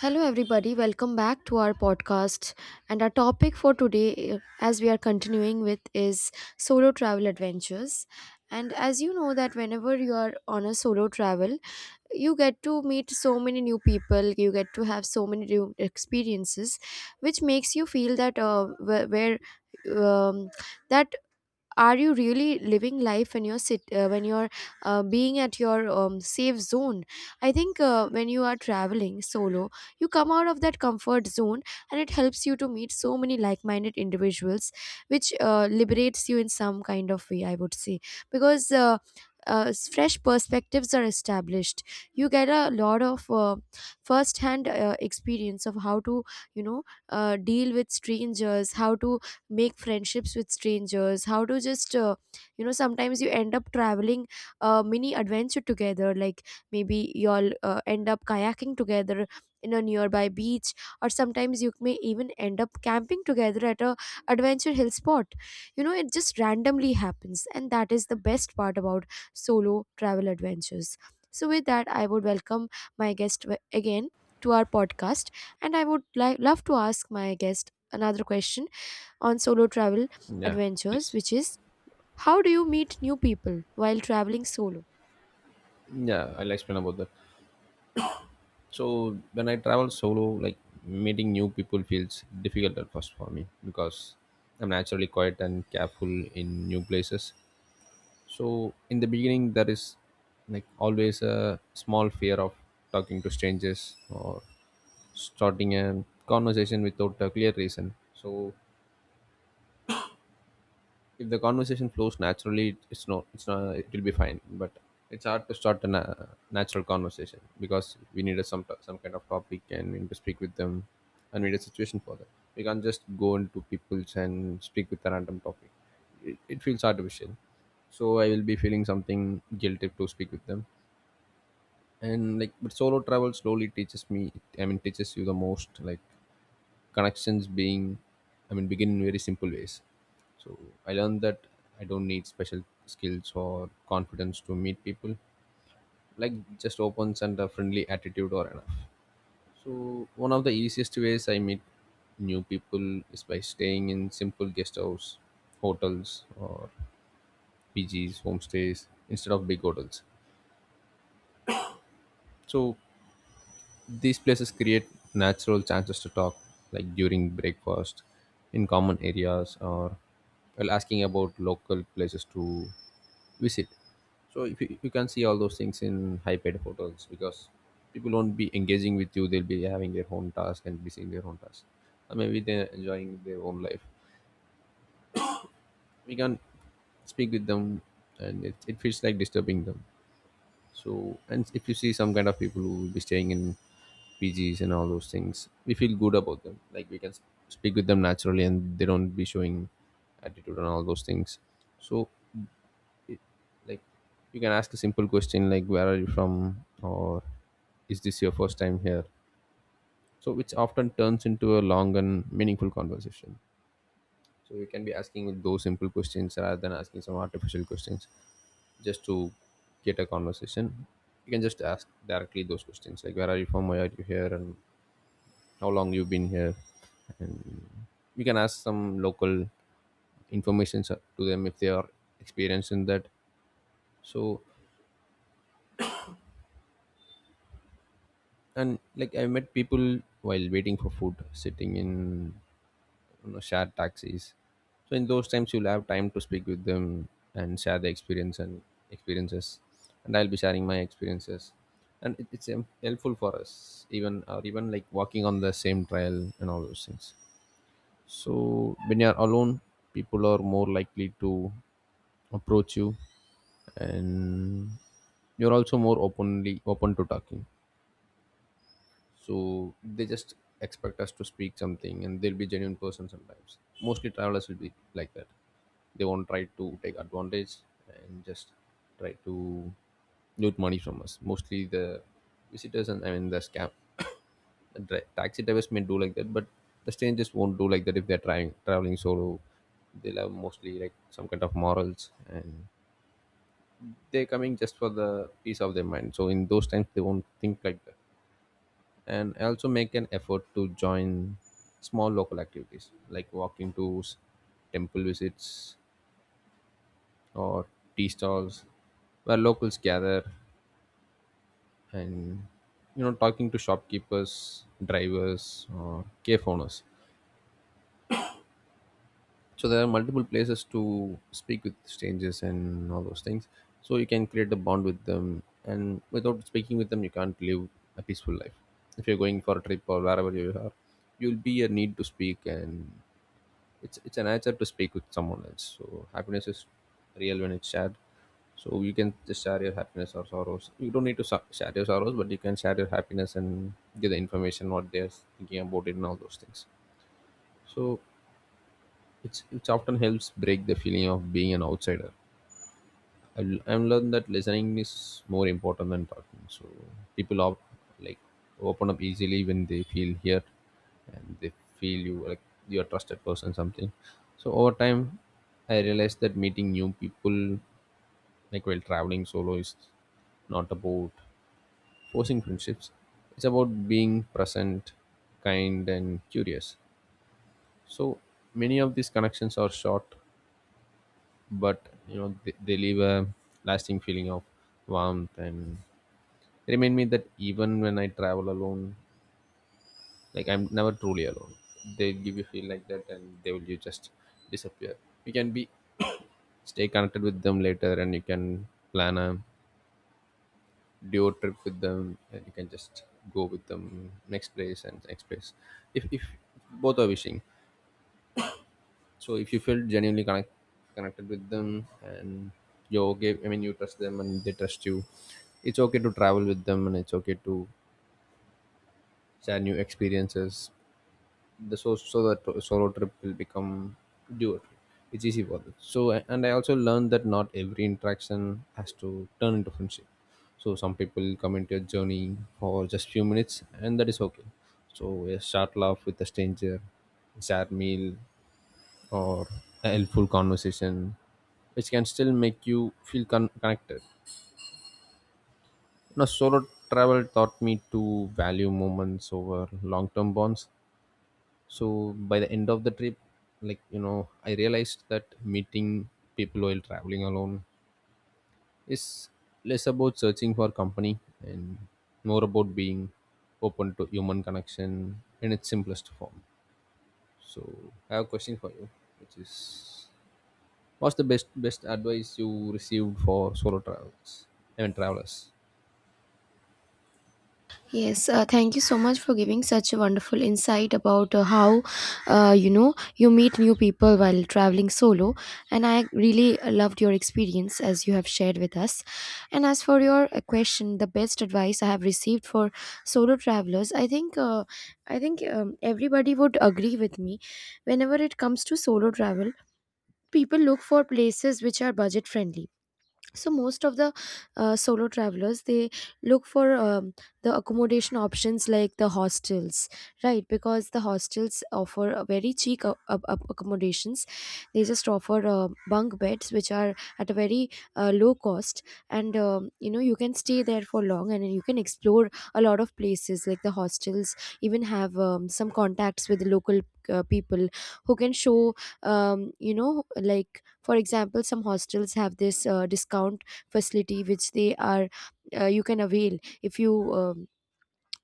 Hello, everybody. Welcome back to our podcast. And our topic for today, as we are continuing with, is solo travel adventures. And as you know, that whenever you are on a solo travel, you get to meet so many new people, you get to have so many new experiences, which makes you feel that wh- where um, that are you really living life when you're sit when you're being at your safe zone. I think when you are traveling solo, you come out of that comfort zone, and it helps you to meet so many like-minded individuals, which liberates you in some kind of way, I would say. because uh, Fresh perspectives are established. You get a lot of first hand experience of how to you know deal with strangers, how to make friendships with strangers, how to just sometimes you end up traveling a mini adventure together, like maybe you'll end up kayaking together in a nearby beach, or sometimes you may even end up camping together at a adventure hill spot. You know, it just randomly happens, and that is the best part about solo travel adventures. So with that, I would welcome my guest again to our podcast. And I would like love to ask my guest another question on solo travel Yeah, adventures, please. which is how do you meet new people while traveling solo? Yeah, I'll explain about that. So when I travel solo, meeting new people feels difficult at first for me because I'm naturally quiet and careful in new places. So in the beginning, there is always a small fear of talking to strangers or starting a conversation without a clear reason. So if the conversation flows naturally it's not, it'll be fine, but it's hard to start a natural conversation because we need some kind of topic and we need to speak with them, and we need a situation for that. We can't just go into people's and speak with a random topic. It feels artificial. So I will be feeling something guilty to speak with them. And like, but solo travel slowly teaches me, I mean teaches you the most, like connections being, I mean begin in very simple ways. So I learned that I don't need special skills or confidence to meet people. Like just opens and a friendly attitude or enough. So one of the easiest ways I meet new people is by staying in simple guest house hotels or PGs, homestays instead of big hotels. So these places create natural chances to talk, like during breakfast, in common areas, or while asking about local places to visit. So if you can see all those things in high-paid hotels because people won't be engaging with you; they'll be having their own task and busy in their own task, or maybe they're enjoying their own life. We can speak with them, and it feels like disturbing them. So, and if you see some kind of people who will be staying in PGs and all those things, we feel good about them. Like we can speak with them naturally, and they don't be showing attitude and all those things. So, it, like, you can ask a simple question like, "Where are you from?" or "Is this your first time here?" So, which often turns into a long and meaningful conversation. So, you can be asking with those simple questions rather than asking some artificial questions just to get a conversation. You can just ask directly those questions, like where are you from, why are you here, and how long you've been here. And we can ask some local information to them if they are experienced in that. So, and like, I met people while waiting for food, sitting in, you know, shared taxis. So in those times, you'll have time to speak with them and share the experiences. And I'll be sharing my experiences, and it's helpful for us, even or even like walking on the same trail and all those things. So when you're alone, people are more likely to approach you, and you're also more openly open to talking. So they just expect us to speak something, and they'll be genuine person sometimes. Mostly travelers will be like that. They won't try to take advantage and just try to loot money from us. Mostly the visitors, and I mean the scam the taxi drivers may do like that, but the strangers won't do like that. If they're trying traveling solo, they'll have mostly like some kind of morals, and they're coming just for the peace of their mind, so in those times they won't think like that. And I also make an effort to join small local activities like walking tours, temple visits, or tea stalls where locals gather, and you know, talking to shopkeepers, drivers, or cafe owners. So there are multiple places to speak with strangers and all those things. So you can create a bond with them, and without speaking with them, you can't live a peaceful life. If you're going for a trip or wherever you are, you'll be a need to speak, and it's an answer to speak with someone else. So happiness is real when it's shared. So you can just share your happiness or sorrows. You don't need to share your sorrows, but you can share your happiness and give the information what they're thinking about it and all those things. So it often helps break the feeling of being an outsider. I've learned that listening is more important than talking. So people like open up easily when they feel heard, and they feel you like you're a trusted person something. So over time, I realized that meeting new people, like while traveling solo, is not about forcing friendships. It's about being present, kind, and curious. So many of these connections are short, but you know, they leave a lasting feeling of warmth and remind me that even when I travel alone, like I'm never truly alone. They give you feel like that, and they will you just disappear. You can be stay connected with them later, and you can plan a duo trip with them, and you can just go with them next place and next place. If both are wishing, so if you feel genuinely connected with them, and you're okay, I mean you trust them and they trust you. It's okay to travel with them, and it's okay to share new experiences. The so that solo trip will become duo trip. It's easy for them. So, and I also learned that not every interaction has to turn into friendship. So some people come into your journey for just few minutes, and that is okay. So a short laugh with a stranger, a shared meal, or a helpful conversation, which can still make you feel connected. You know, solo travel taught me to value moments over long-term bonds. So by the end of the trip, like you know, I realized that meeting people while traveling alone is less about searching for company and more about being open to human connection in its simplest form. So I have a question for you, which is, what's the best advice you received for solo travels, I mean travelers? Yes, thank you so much for giving such a wonderful insight about how you meet new people while traveling solo, and I really loved your experience as you have shared with us. And as for your question, the best advice I have received for solo travelers, I think everybody would agree with me. Whenever it comes to solo travel, people look for places which are budget friendly. So most of the solo travelers, they look for the accommodation options like the hostels, right? Because the hostels offer a very cheap accommodations. They just offer bunk beds which are at a very low cost. And you know, you can stay there for long and you can explore a lot of places. Like the hostels even have some contacts with the local people, who can show you know, like for example, some hostels have this discount facility, which they are you can avail if you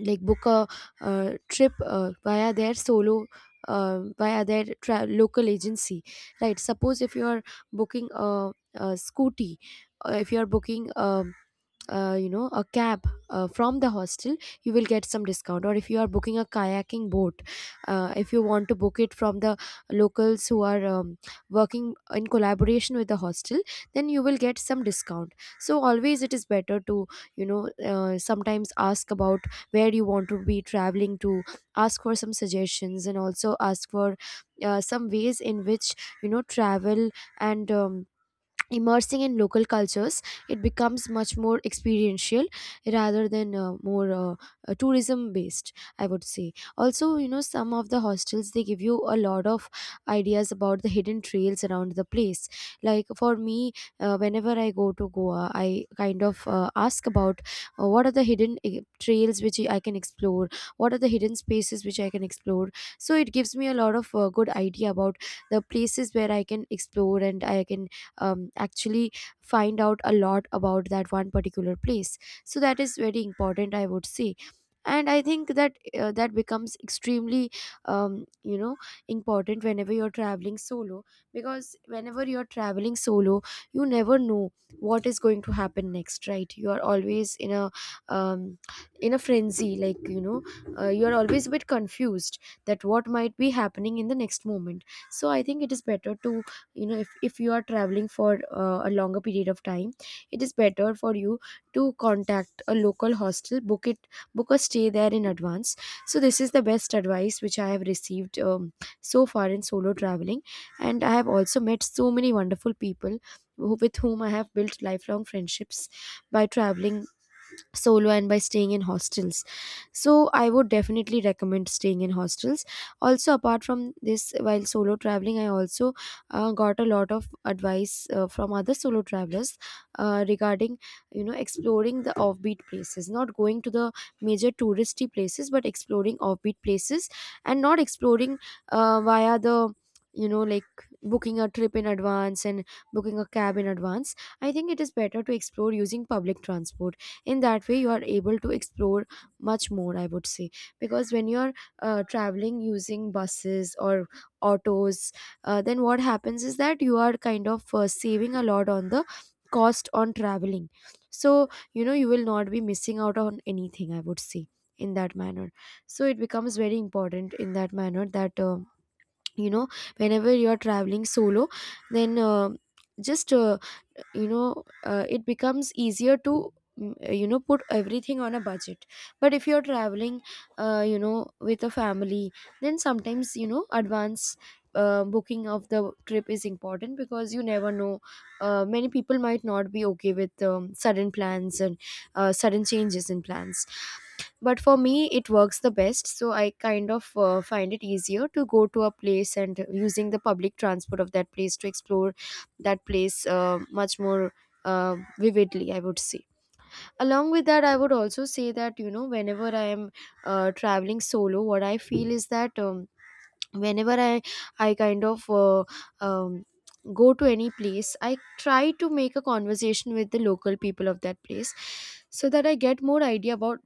like book a trip via their solo via their local agency. Right, suppose if you are booking a scooty, if you are booking you know, a cab from the hostel, you will get some discount. Or if you are booking a kayaking boat, if you want to book it from the locals who are working in collaboration with the hostel, then you will get some discount. So always it is better to sometimes ask about where you want to be traveling to, ask for some suggestions and also ask for some ways in which you know travel. And immersing in local cultures, it becomes much more experiential rather than more tourism based, I would say. Also, you know, some of the hostels, they give you a lot of ideas about the hidden trails around the place. Like for me, whenever I go to Goa, I kind of ask about what are the hidden trails which I can explore, what are the hidden spaces which I can explore. So it gives me a lot of good idea about the places where I can explore, and I can actually find out a lot about that one particular place. So that is very important, I would say. And I think that that becomes extremely um, you know important whenever you're traveling solo. Because whenever you're traveling solo, you never know what is going to happen next, right? You are always um, in a frenzy, like you know, you're always a bit confused that what might be happening in the next moment. So I think it is better to you know, if you are traveling for a longer period of time, it is better for you to contact a local hostel, book it, book a stay there in advance. So this is the best advice which I have received, so far in solo traveling. And I have also met so many wonderful people with whom I have built lifelong friendships by traveling solo and by staying in hostels. So I would definitely recommend staying in hostels. Also apart from this, while solo traveling, I also got a lot of advice from other solo travelers regarding you know exploring the offbeat places, not going to the major touristy places, but exploring offbeat places. And not exploring via the you know, like booking a trip in advance and booking a cab in advance. I think it is better to explore using public transport. In that way, you are able to explore much more, I would say. Because when you're traveling using buses or autos, then what happens is that you are kind of saving a lot on the cost on traveling. So you know, you will not be missing out on anything, I would say, in that manner. So it becomes very important in that manner that you know whenever you're traveling solo, then just you know it becomes easier to you know, put everything on a budget. But if you're traveling you know, with a family, then sometimes, you know, advance booking of the trip is important, because you never know, many people might not be okay with sudden plans and sudden changes in plans. But for me, it works the best. So I kind of find it easier to go to a place and using the public transport of that place to explore that place much more, uh, vividly, I would say. Along with that, I would also say that you know, whenever I am traveling solo, what I feel is that whenever I i kind of uh, um, go to any place, I try to make a conversation with the local people of that place, so that I get more idea about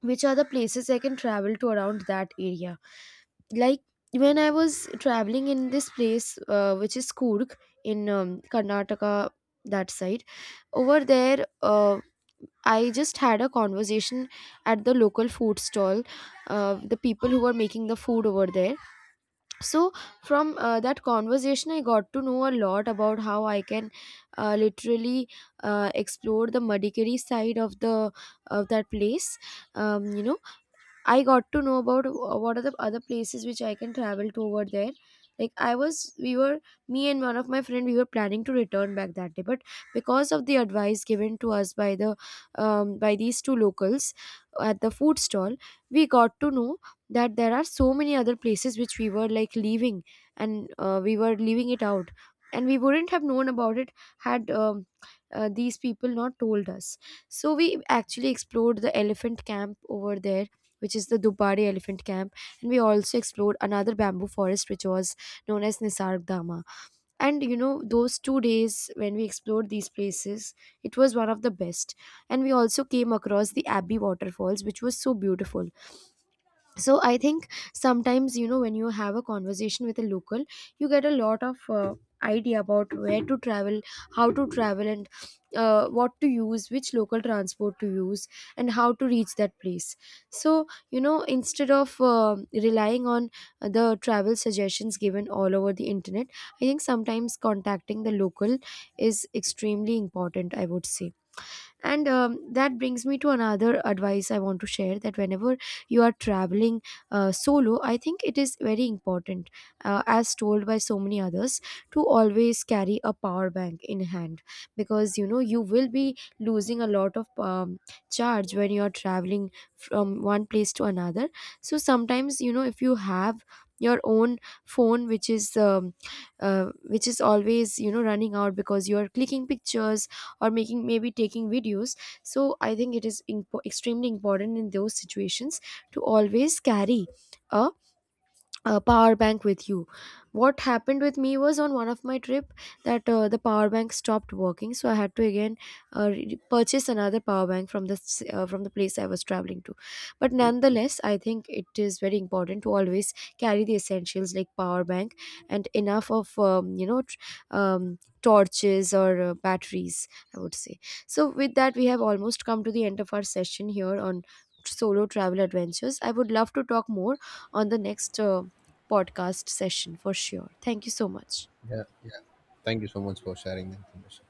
which are the places I can travel to around that area. Like when I was traveling in this place, which is Kurg in Karnataka, that side, over there, I just had a conversation at the local food stall, the people who were making the food over there. So from that conversation, I got to know a lot about how I can literally explore the Madikeri side of the of that place. You know, I got to know about what are the other places which I can travel to over there. Like I was, we were, me and one of my friend, we were planning to return back that day, but because of the advice given to us by the, by these two locals at the food stall, we got to know that there are so many other places which we were like leaving, and we were leaving it out, and we wouldn't have known about it had these people not told us. So we actually explored the elephant camp over there, which is the Dubari Elephant Camp. And we also explored another bamboo forest, which was known as Nisarg Dama. And you know, those 2 days when we explored these places, it was one of the best. And we also came across the Abbey waterfalls, which was so beautiful. So I think sometimes, you know, when you have a conversation with a local, you get a lot of idea about where to travel, how to travel, and what to use which local transport to use and how to reach that place. So you know, instead of relying on the travel suggestions given all over the internet, I think sometimes contacting the local is extremely important, I would say. And that brings me to another advice I want to share, that whenever you are traveling solo, I think it is very important, as told by so many others, to always carry a power bank in hand. Because you know, you will be losing a lot of charge when you are traveling from one place to another. So sometimes, you know, if you have your own phone which is always, you know, running out because you are clicking pictures or making, maybe taking videos. So I think it is extremely important in those situations to always carry a a power bank with you. What happened with me was on one of my trip that the power bank stopped working, so I had to again purchase another power bank from from the place I was traveling to. But nonetheless, I think it is very important to always carry the essentials like power bank and enough of torches or batteries, I would say. So with that, we have almost come to the end of our session here on solo travel adventures. I would love to talk more on the next podcast session for sure. Thank you so much. Yeah, yeah, thank you so much for sharing the information.